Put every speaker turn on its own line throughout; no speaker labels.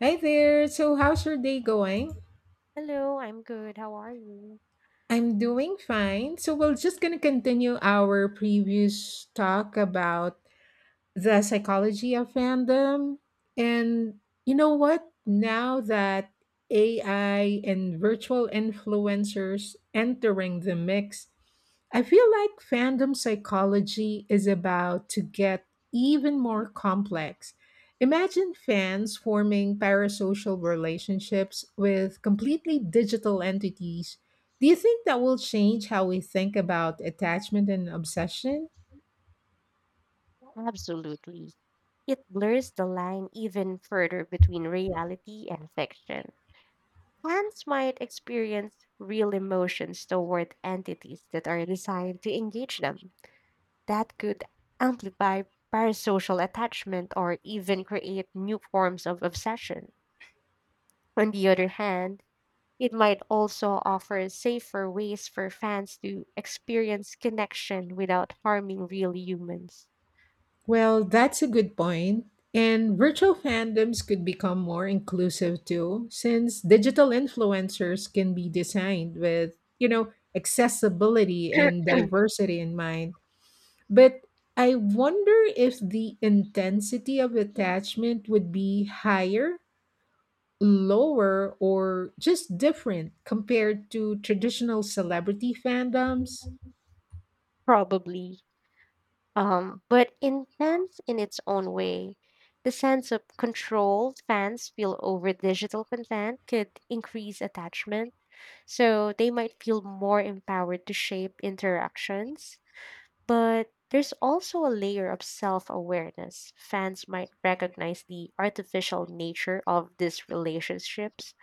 Hi
Hey,
there. So, how's your day going?
hello, I'm good. How are you?
I'm doing fine. So, we're just going to continue our previous talk about the psychology of fandom. And you know what? Now that AI and virtual influencers entering the mix, I feel like fandom psychology is about to get even more complex. Imagine fans forming parasocial relationships with completely digital entities. Do you think that will change how we think about attachment and obsession?
Absolutely. It blurs the line even further between reality and fiction. Fans might experience real emotions toward entities that are designed to engage them. That could amplify parasocial attachment or even create new forms of obsession. On the other hand, it might also offer safer ways for fans to experience connection without harming real humans.
Well, that's a good point. And virtual fandoms could become more inclusive too, since digital influencers can be designed with, you know, accessibility and diversity in mind. But I wonder if the intensity of attachment would be higher, lower, or just different compared to traditional celebrity fandoms.
Probably. But intense in its own way. The sense of control fans feel over digital content could increase attachment, so they might feel more empowered to shape interactions. But there's also a layer of self awareness. Fans might recognize the artificial nature of these relationships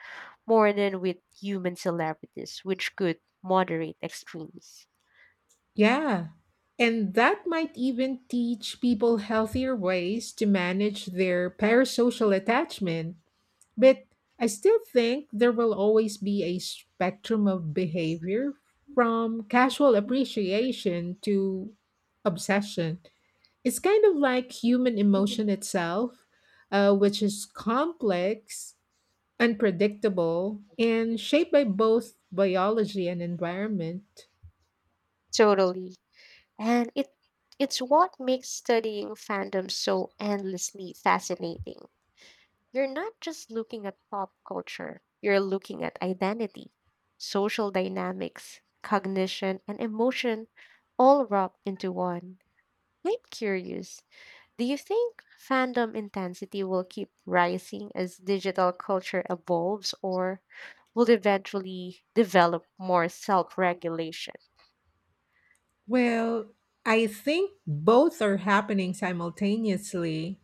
more than with human celebrities, which could moderate extremes.
Yeah. And that might even teach people healthier ways to manage their parasocial attachment. But I still think there will always be a spectrum of behavior, from casual appreciation to obsession. It's kind of like human emotion itself, which is complex, unpredictable, and shaped by both biology and environment.
Totally. And it's what makes studying fandom so endlessly fascinating. You're not just looking at pop culture, you're looking at identity, social dynamics, cognition, and emotion all wrapped into one. I'm curious, do you think fandom intensity will keep rising as digital culture evolves or will eventually develop more self regulation?
Well, I think both are happening simultaneously.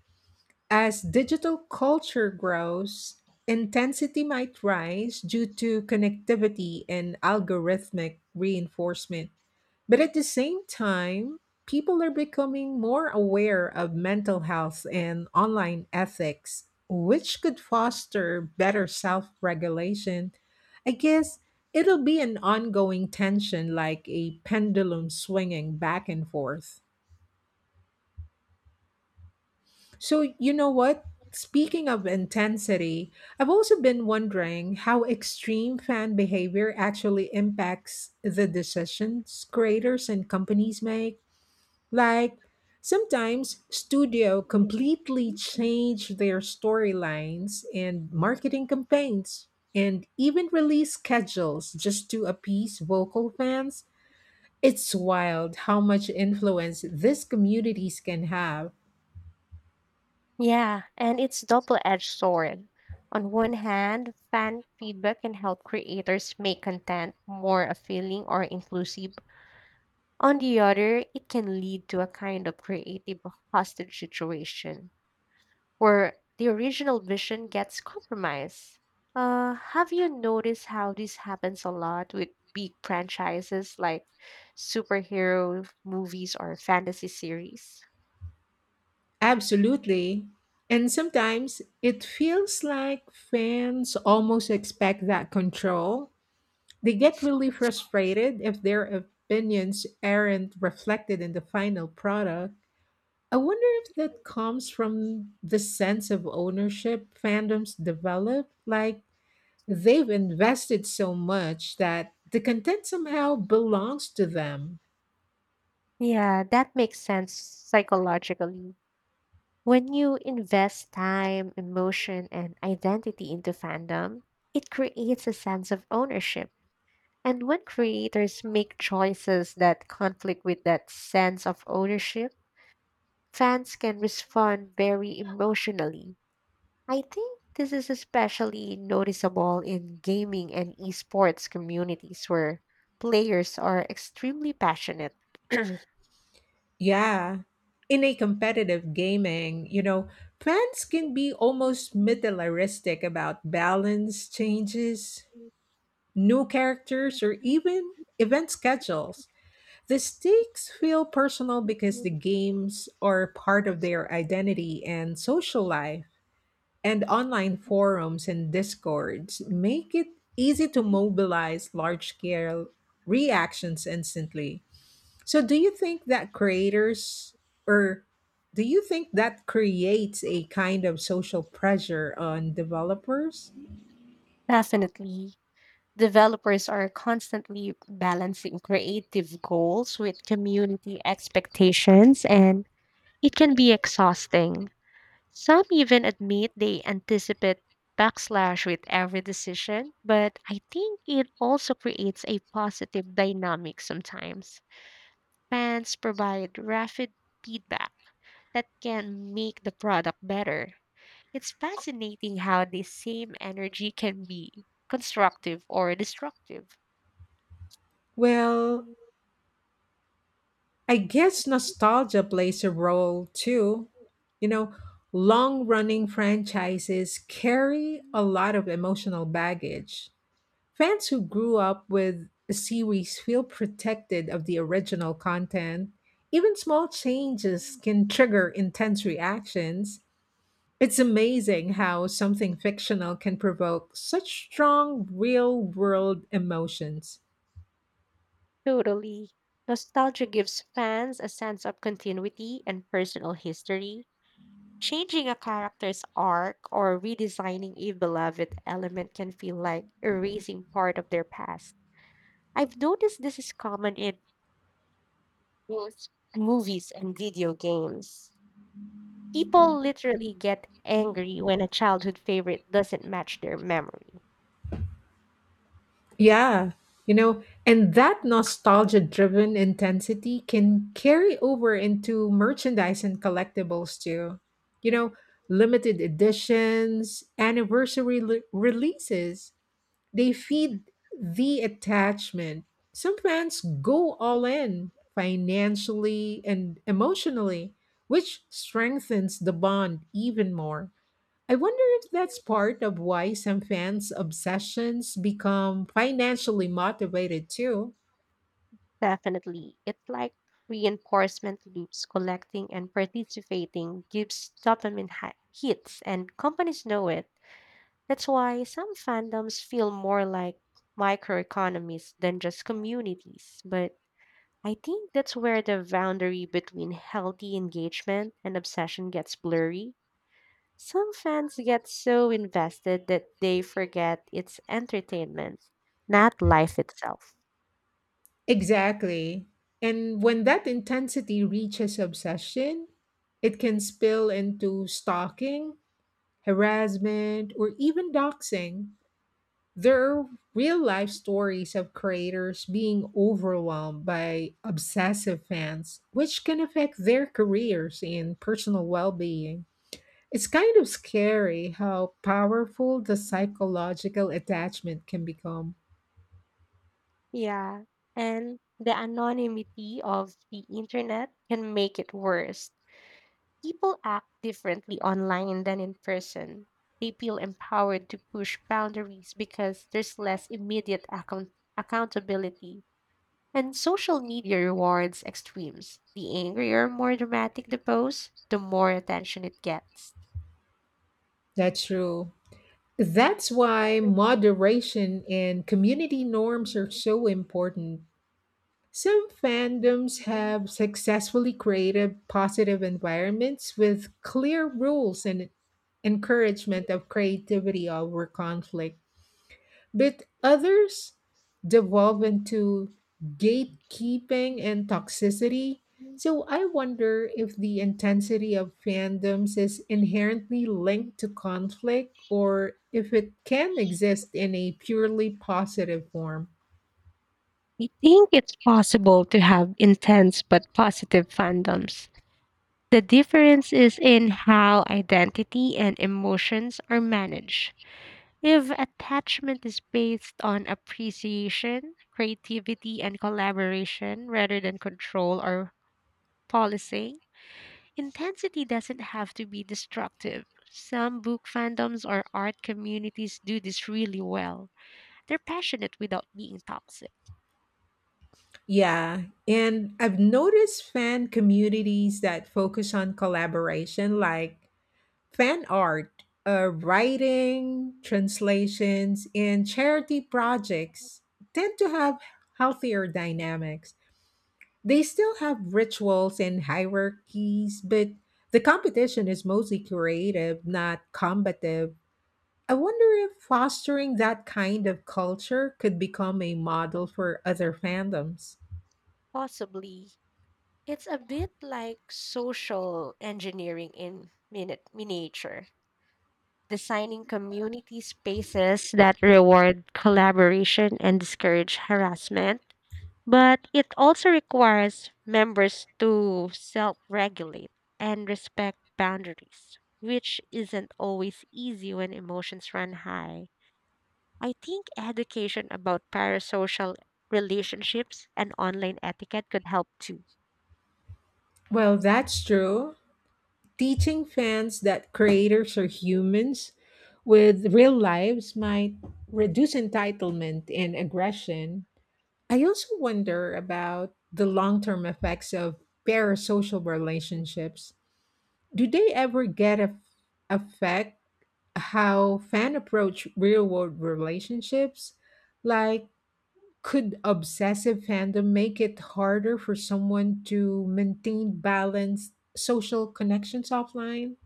As digital culture grows, intensity might rise due to connectivity and algorithmic reinforcement. But at the same time, people are becoming more aware of mental health and online ethics, which could foster better self regulation. I guess it'll be an ongoing tension, like a pendulum swinging back and forth. So, you know what? Speaking of intensity, I've also been wondering how extreme fan behavior actually impacts the decisions creators and companies make. Like, sometimes studio completely change their storylines and marketing campaigns and even release schedules just to appease vocal fans. It's wild how much influence these communities can have.
Yeah, and it's double-edged sword. On one hand, fan feedback can help creators make content more appealing or inclusive. On the other, it can lead to a kind of creative hostage situation where the original vision gets compromised. Have you noticed how this happens a lot with big franchises like superhero movies or fantasy series?
Absolutely. And sometimes it feels like fans almost expect that control. They get really frustrated if their opinions aren't reflected in the final product. I wonder if that comes from the sense of ownership fandoms develop. Like, they've invested so much that the content somehow belongs to them.
Yeah, that makes sense psychologically. When you invest time, emotion, and identity into fandom, it creates a sense of ownership. And when creators make choices that conflict with that sense of ownership, fans can respond very emotionally. I think this is especially noticeable in gaming and esports communities where players are extremely passionate.
Yeah. In a competitive gaming, you know, fans can be almost militaristic about balance changes, new characters, or even event schedules. The stakes feel personal because the games are part of their identity and social life, and online forums and discords make it easy to mobilize large scale reactions instantly. So do you think that creators, or do you think that creates a kind of social pressure on developers?
Definitely. Developers are constantly balancing creative goals with community expectations, and it can be exhausting. Some even admit they anticipate backslash with every decision, but I think it also creates a positive dynamic sometimes. Fans provide rapid feedback that can make the product better. It's fascinating how the same energy can be constructive or destructive.
Well, I guess nostalgia plays a role too. You know, long running franchises carry a lot of emotional baggage. Fans who grew up with a series feel protected of the original content. Even small changes can trigger intense reactions. It's amazing how something fictional can provoke such strong real world emotions.
Totally. Nostalgia gives fans a sense of continuity and personal history. Changing a character's arc or redesigning a beloved element can feel like erasing part of their past. I've noticed this is common in both movies and video games. People literally get angry when a childhood favorite doesn't match their memory.
Yeah, you know, and that nostalgia driven intensity can carry over into merchandise and collectibles too. You know, limited editions, releases. They feed the attachment. Some fans go all in financially and emotionally, which strengthens the bond even more. I wonder if that's part of why some fans' obsessions become financially motivated too.
Definitely. It's like reinforcement loops collecting and participating gives dopamine hits, and companies know it. That's why some fandoms feel more like microeconomies than just communities. But I think that's where the boundary between healthy engagement and obsession gets blurry. Some fans get so invested that they forget it's entertainment, not life itself.
Exactly. And when that intensity reaches obsession, it can spill into stalking, harassment, or even doxing. There are real life stories of creators being overwhelmed by obsessive fans, which can affect their careers and personal well being. It's kind of scary how powerful the psychological attachment can become.
Yeah. And the anonymity of the internet can make it worse. People act differently online than in person. They feel empowered to push boundaries because there's less immediate accountability. And social media rewards extremes. The angrier, more dramatic the post, the more attention it gets.
That's true. That's why moderation and community norms are so important. Some fandoms have successfully created positive environments with clear rules and encouragement of creativity over conflict, but others devolve into gatekeeping and toxicity. So I wonder if the intensity of fandoms is inherently linked to conflict, or if it can exist in a purely positive form.
I think it's possible to have intense but positive fandoms. The difference is in how identity and emotions are managed. If attachment is based on appreciation, creativity, and collaboration rather than control or policing, intensity doesn't have to be destructive. Some book fandoms or art communities do this really well. They're passionate without being toxic.
Yeah, and I've noticed fan communities that focus on collaboration, like fan art, writing, translations, and charity projects, tend to have healthier dynamics. They still have rituals and hierarchies, but the competition is mostly creative, not combative. I wonder if fostering that kind of culture could become a model for other fandoms.
Possibly. It's a bit like social engineering in miniature. Designing community spaces that reward collaboration and discourage harassment. But it also requires members to self regulate and respect boundaries, which isn't always easy when emotions run high. I think education about parasocial relationships and online etiquette could help too.
Well, that's true. Teaching fans that creators are humans with real lives might reduce entitlement and aggression. I also wonder about the long term effects of parasocial relationships. Do they ever get a affect how fan approach real world relationships? Like, could obsessive fandom make it harder for someone to maintain balanced social connections offline?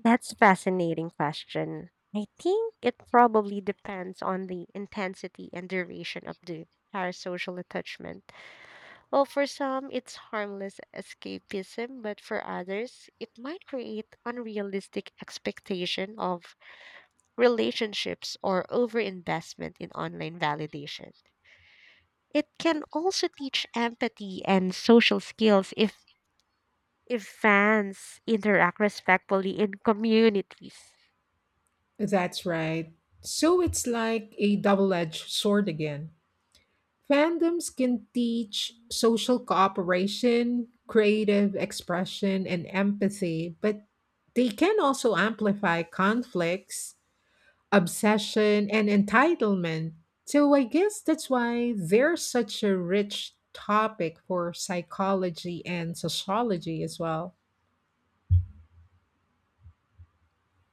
That's a fascinating question. I think it probably depends on the intensity and duration of the parasocial attachment. Well, for some, it's harmless escapism, but for others, it might create unrealistic expectation of relationships or overinvestment in online validation. It can also teach empathy and social skills if fans interact respectfully in communities.
That's right. So it's like a double edged sword again. Fandoms can teach social cooperation, creative expression, and empathy, but they can also amplify conflicts, obsession, and entitlement. So I guess that's why there's such a rich topic for psychology and sociology as well.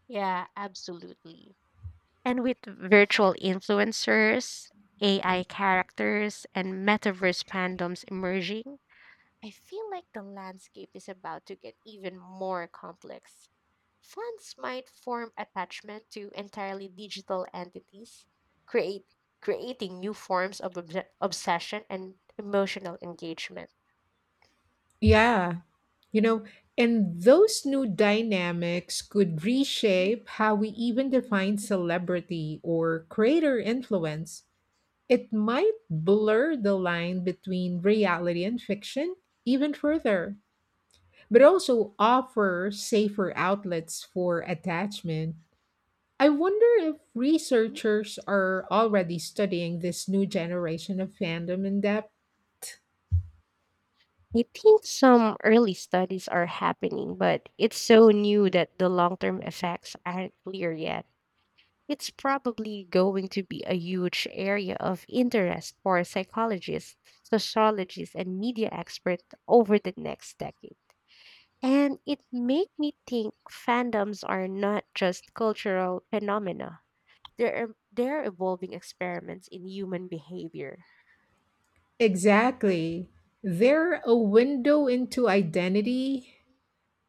Yeah, absolutely. And with virtual influencers, AI characters, and metaverse fandoms emerging, I feel like the landscape is about to get even more complex. Fans might form attachment to entirely digital entities, create creating new forms of obsession and emotional engagement.
Yeah, you know, and those new dynamics could reshape how we even define celebrity or creator influence. It might blur the line between reality and fiction even further, but also offer safer outlets for attachment. I wonder if
Mhm.
researchers are already studying this new generation of fandom in depth.
I think some early studies are happening, but it's so new that the long term effects aren't clear yet. It's probably going to be a huge area of interest for psychologists, sociologists, and media experts over the next decade. And it made me think fandoms are not just cultural phenomena. They're evolving experiments in human behavior.
Exactly. They're a window into identity,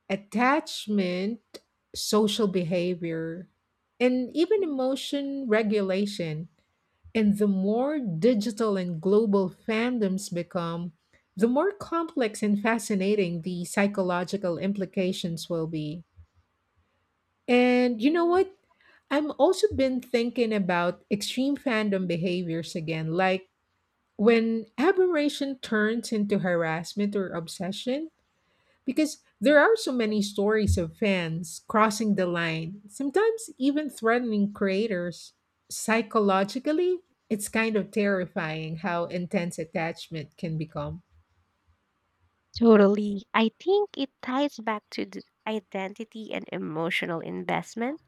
attachment, social behavior, and even emotion regulation. And the more digital and global fandoms become, the more complex and fascinating the psychological implications will be. And you know what? I'm also been thinking about extreme fandom behaviors again, like when admiration turns into harassment or obsession, because there are so many stories of fans crossing the line, sometimes even threatening creators. Psychologically, it's kind of terrifying how intense attachment can become.
Totally. I think it ties back to the identity and emotional investment.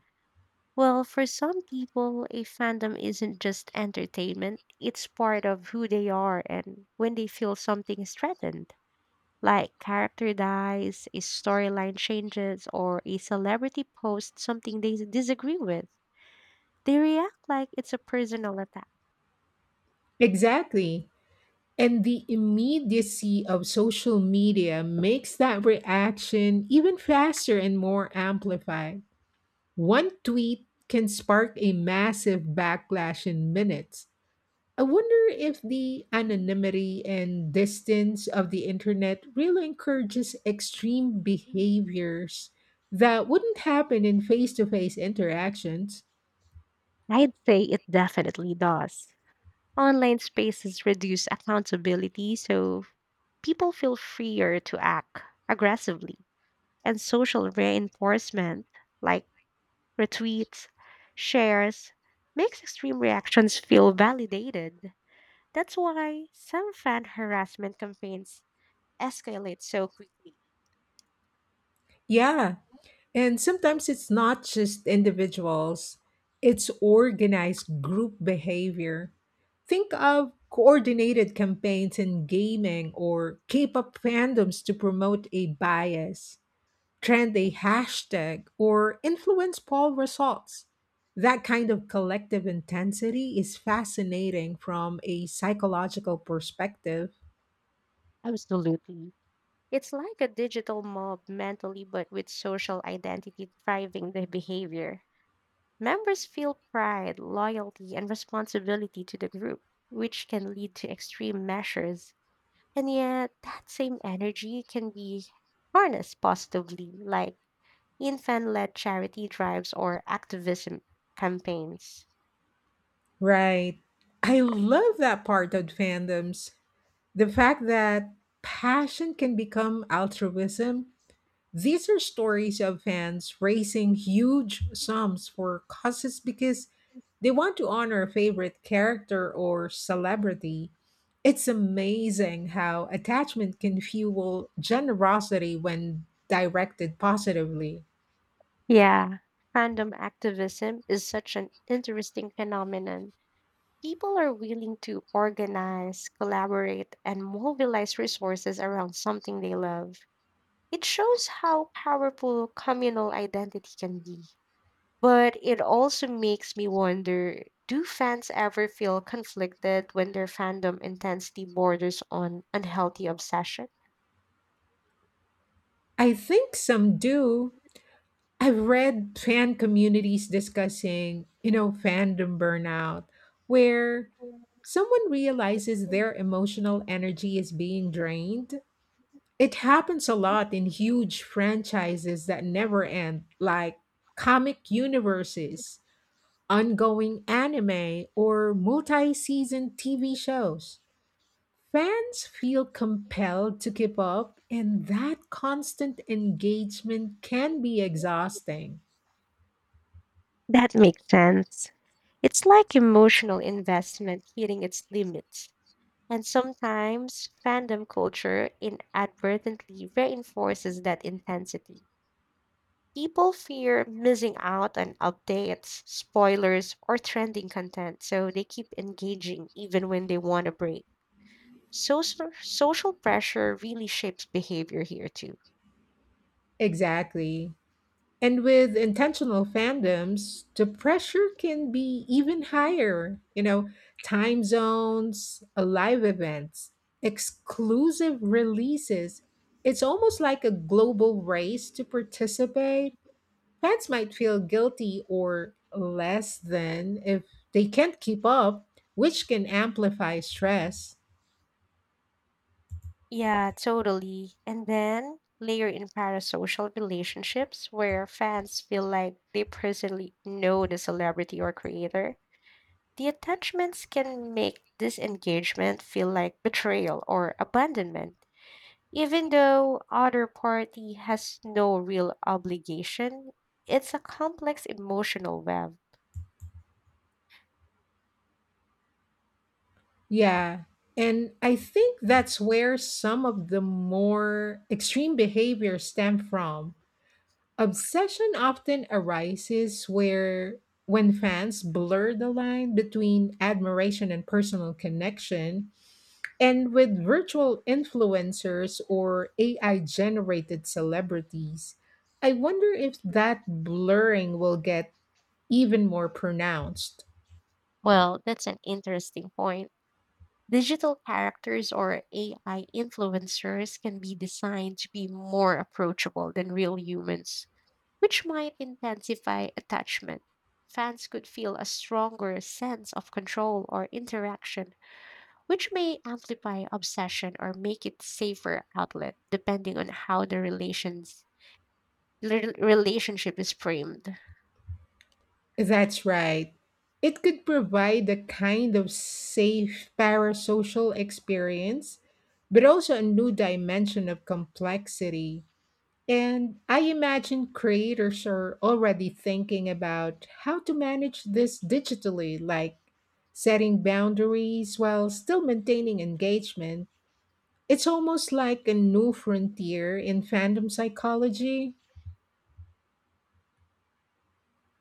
Well, for some people, a fandom isn't just entertainment, it's part of who they are, and when they feel something is threatened, like character dies, a storyline changes, or a celebrity posts something they disagree with. They react like it's a personal attack.
Exactly. And the immediacy of social media makes that reaction even faster and more amplified. One tweet can spark a massive backlash in minutes. I wonder if the anonymity and distance of the internet really encourages extreme behaviors that wouldn't happen in face to face interactions.
I'd say it definitely does. Online spaces reduce accountability, so people feel freer to act aggressively. And social reinforcement, like retweets, shares, makes extreme reactions feel validated. That's why some fan harassment campaigns escalate so quickly.
Yeah, and sometimes it's not just individuals, it's organized group behavior. Think of coordinated campaigns in gaming or K pop fandoms to promote a bias, trend a hashtag, or influence poll results. That kind of collective intensity is fascinating from a psychological perspective.
Absolutely. It's like a digital mob mentally, but with social identity driving the behavior. Members feel pride, loyalty, and responsibility to the group, which can lead to extreme measures. And yet, that same energy can be harnessed positively, like in fan led charity drives or activism campaigns.
Right. I love that part of fandoms. The fact that passion can become altruism. These are stories of fans raising huge sums for causes because they want to honor a favorite character or celebrity. It's amazing how attachment can fuel generosity when directed positively.
Yeah. Fandom activism is such an interesting phenomenon. People are willing to organize, collaborate, and mobilize resources around something they love. It shows how powerful communal identity can be. But it also makes me wonder, do fans ever feel conflicted when their fandom intensity borders on unhealthy obsession?
I think some do. I've read fan communities discussing, you know, fandom burnout, where someone realizes their emotional energy is being drained. It happens a lot in huge franchises that never end, like comic universes, ongoing anime, or multi season TV shows. Fans feel compelled to keep up, and that constant engagement can be exhausting.
That makes sense. It's like emotional investment hitting its limits. And sometimes fandom culture inadvertently reinforces that intensity. People fear missing out on updates, spoilers, or trending content, so they keep engaging even when they want a break. Social pressure really shapes behavior here too.
Exactly. And with intentional fandoms, the pressure can be even higher. You know, time zones, live events, exclusive releases. It's almost like a global race to participate. Fans might feel guilty or less than if they can't keep up, which can amplify stress.
Yeah, totally. And then layer in parasocial relationships where fans feel like they personally know the celebrity or creator. The attachments can make this engagement feel like betrayal or abandonment, even though other party has no real obligation. It's a complex emotional web.
Yeah. And I think that's where some of the more extreme behaviors stem from. Obsession often arises where when fans blur the line between admiration and personal connection, and with virtual influencers or AI generated celebrities, I wonder if that blurring will get even more pronounced.
Well, that's an interesting point. Digital characters or AI influencers can be designed to be more approachable than real humans, which might intensify attachment. Fans could feel a stronger sense of control or interaction, which may amplify obsession or make it safer outlet depending on how the relationship is framed.
That's right. It could provide a kind of safe parasocial experience, but also a new dimension of complexity. And I imagine creators are already thinking about how to manage this digitally, like setting boundaries while still maintaining engagement. It's almost like a new frontier in fandom psychology.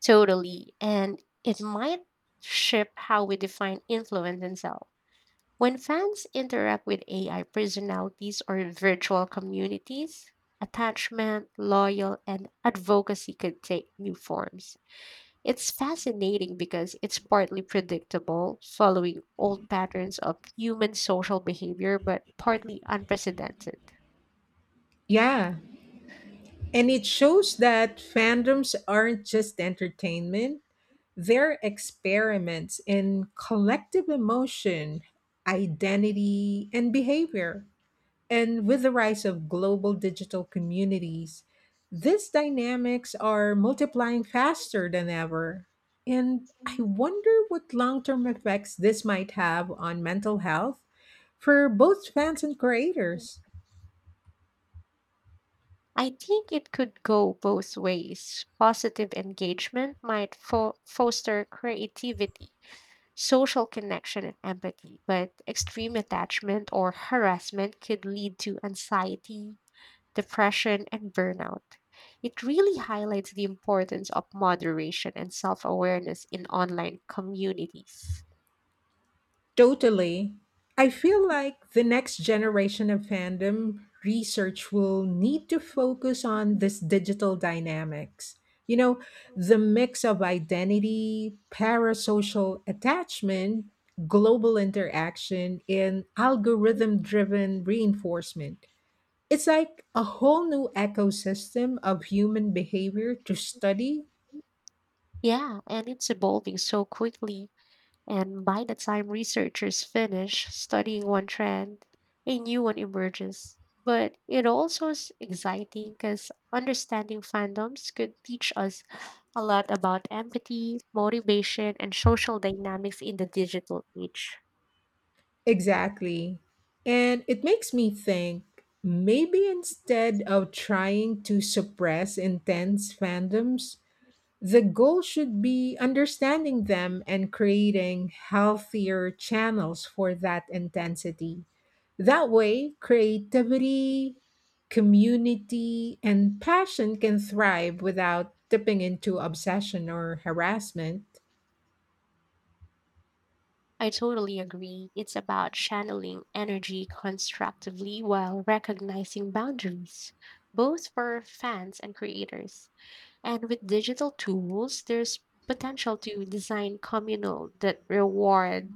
Totally, and it might shape how we define influence itself. When fans interact with AI personalities or virtual communities, attachment, loyal, and advocacy could take new forms. It's fascinating because it's partly predictable, following old patterns of human social behavior, but partly unprecedented.
Yeah, and it shows that fandoms aren't just entertainment, they're experiments in collective emotion, identity, and behavior. And with the rise of global digital communities, these dynamics are multiplying faster than ever. And I wonder what long term effects this might have on mental health for both fans and creators.
I think it could go both ways. Positive engagement might foster creativity, social connection and empathy, but extreme attachment or harassment could lead to anxiety, depression, and burnout. It really highlights the importance of moderation and self awareness in online communities.
Totally. I feel like the next generation of fandom research will need to focus on this digital dynamics. You know, the mix of identity, parasocial attachment, global interaction, and algorithm driven reinforcement. It's like a whole new ecosystem of human behavior to study.
Yeah, and it's evolving so quickly. And by the time researchers finish studying one trend, a new one emerges. But it also is exciting because understanding fandoms could teach us a lot about empathy, motivation, and social dynamics in the digital age.
Exactly. And it makes me think, maybe instead of trying to suppress intense fandoms, the goal should be understanding them and creating healthier channels for that intensity. That way, creativity, community, and passion can thrive without tipping into obsession or harassment.
I totally agree. It's about channeling energy constructively while recognizing boundaries, both for fans and creators. And with digital tools, there's potential to design communal that reward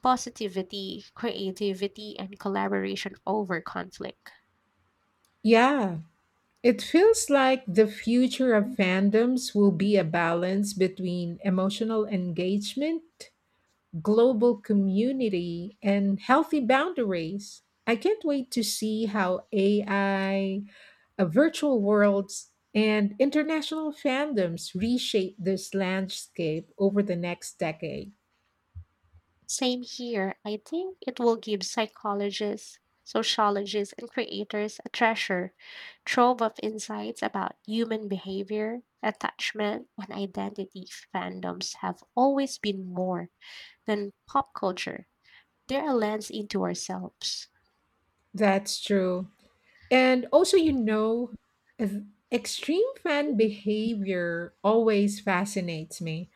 positivity, creativity, and collaboration over conflict.
Yeah, it feels like the future of fandoms will be a balance between emotional engagement, global community, and healthy boundaries. I can't wait to see how AI, virtual worlds, and international fandoms reshape this landscape over the next decade.
Same here. I think it will give psychologists, sociologists, and creators a treasure trove of insights about human behavior, attachment, and identity. Fandoms have always been more than pop culture, they're a lens into ourselves.
That's true. And also, you know, ex- extreme fan behavior always fascinates me.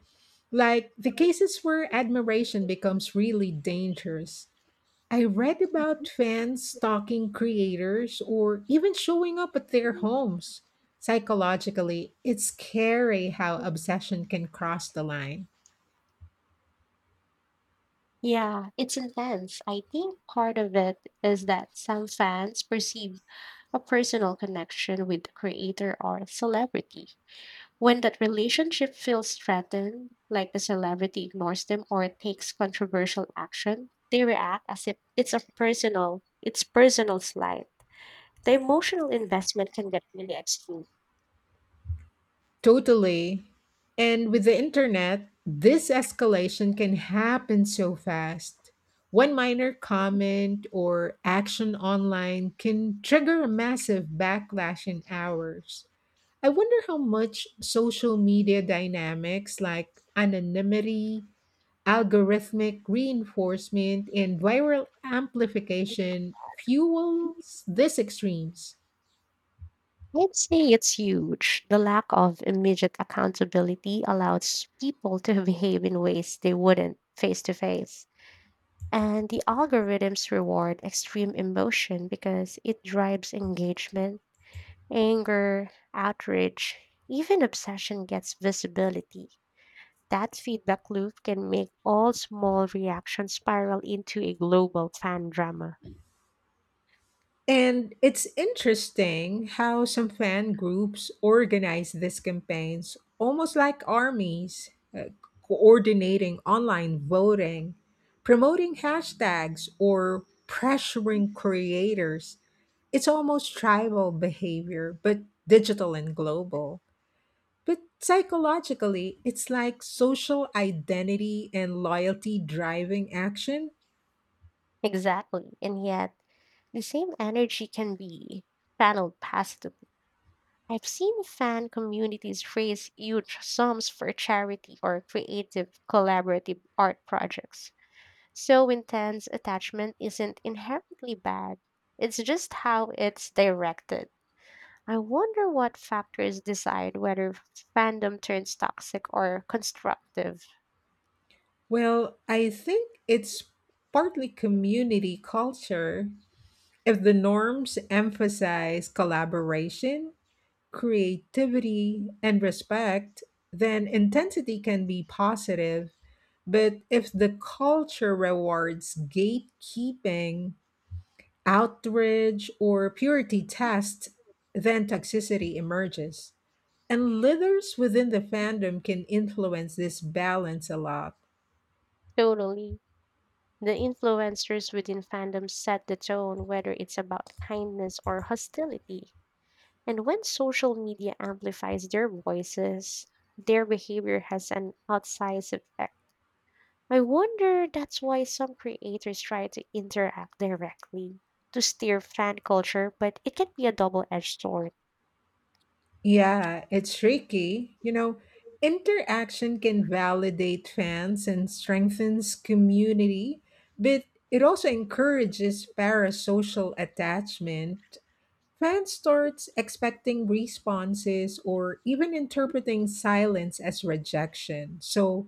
Like the cases where admiration becomes really dangerous. I read about fans stalking creators or even showing up at their homes. Psychologically, it's scary how obsession can cross the line.
Yeah, it's intense. I think part of it is that some fans perceive a personal connection with the creator or celebrity. When that relationship feels threatened, like the celebrity ignores them or takes controversial action, they react as if it's personal slight. The emotional investment can get really extreme.
Totally. And with the internet, this escalation can happen so fast. One minor comment or action online can trigger a massive backlash in hours. I wonder how much social media dynamics, like anonymity, algorithmic reinforcement, and viral amplification fuels these extremes.
I'd say it's huge. The lack of immediate accountability allows people to behave in ways they wouldn't face to face. And the algorithms reward extreme emotion because it drives engagement, anger, outrage, even obsession gets visibility. That feedback loop can make all small reactions spiral into a global fan drama.
And it's interesting how some fan groups organize these campaigns almost like armies, uh, coordinating online voting, promoting hashtags, or pressuring creators. It's almost tribal behavior, but digital and global. But psychologically, it's like social identity and loyalty driving action.
Exactly. And yet, the same energy can be channeled positively. I've seen fan communities raise huge sums for charity or creative collaborative art projects. So intense attachment isn't inherently bad, it's just how it's directed. I wonder what factors decide whether fandom turns toxic or constructive.
Well, I think it's partly community culture. If the norms emphasize collaboration, creativity, and respect, then intensity can be positive. But if the culture rewards gatekeeping, outrage, or purity test, then toxicity emerges. And leaders within the fandom can influence this balance a lot.
Totally. The influencers within fandom set the tone, whether it's about kindness or hostility. And when social media amplifies their voices, their behavior has an outsized effect. I wonder that's why some creators try to interact directly to steer fan culture, but it can be a double edged sword.
Yeah, it's tricky. You know, interaction can validate fans and strengthens community, but it also encourages parasocial attachment. Fans starts expecting responses or even interpreting silence as rejection. So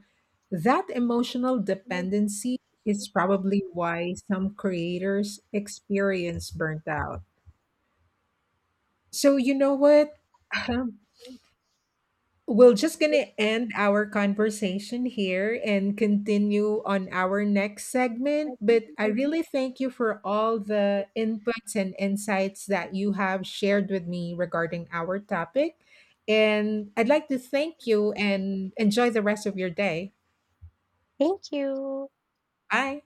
that emotional dependency is probably why some creators experience burnt out. So you know what? We're just going to end our conversation here and continue on our next segment. But I, Mhm, really thank you for all the inputs and insights that you have shared with me regarding our topic. And I'd like to thank you and enjoy the rest of your day.
Thank you.
Bye.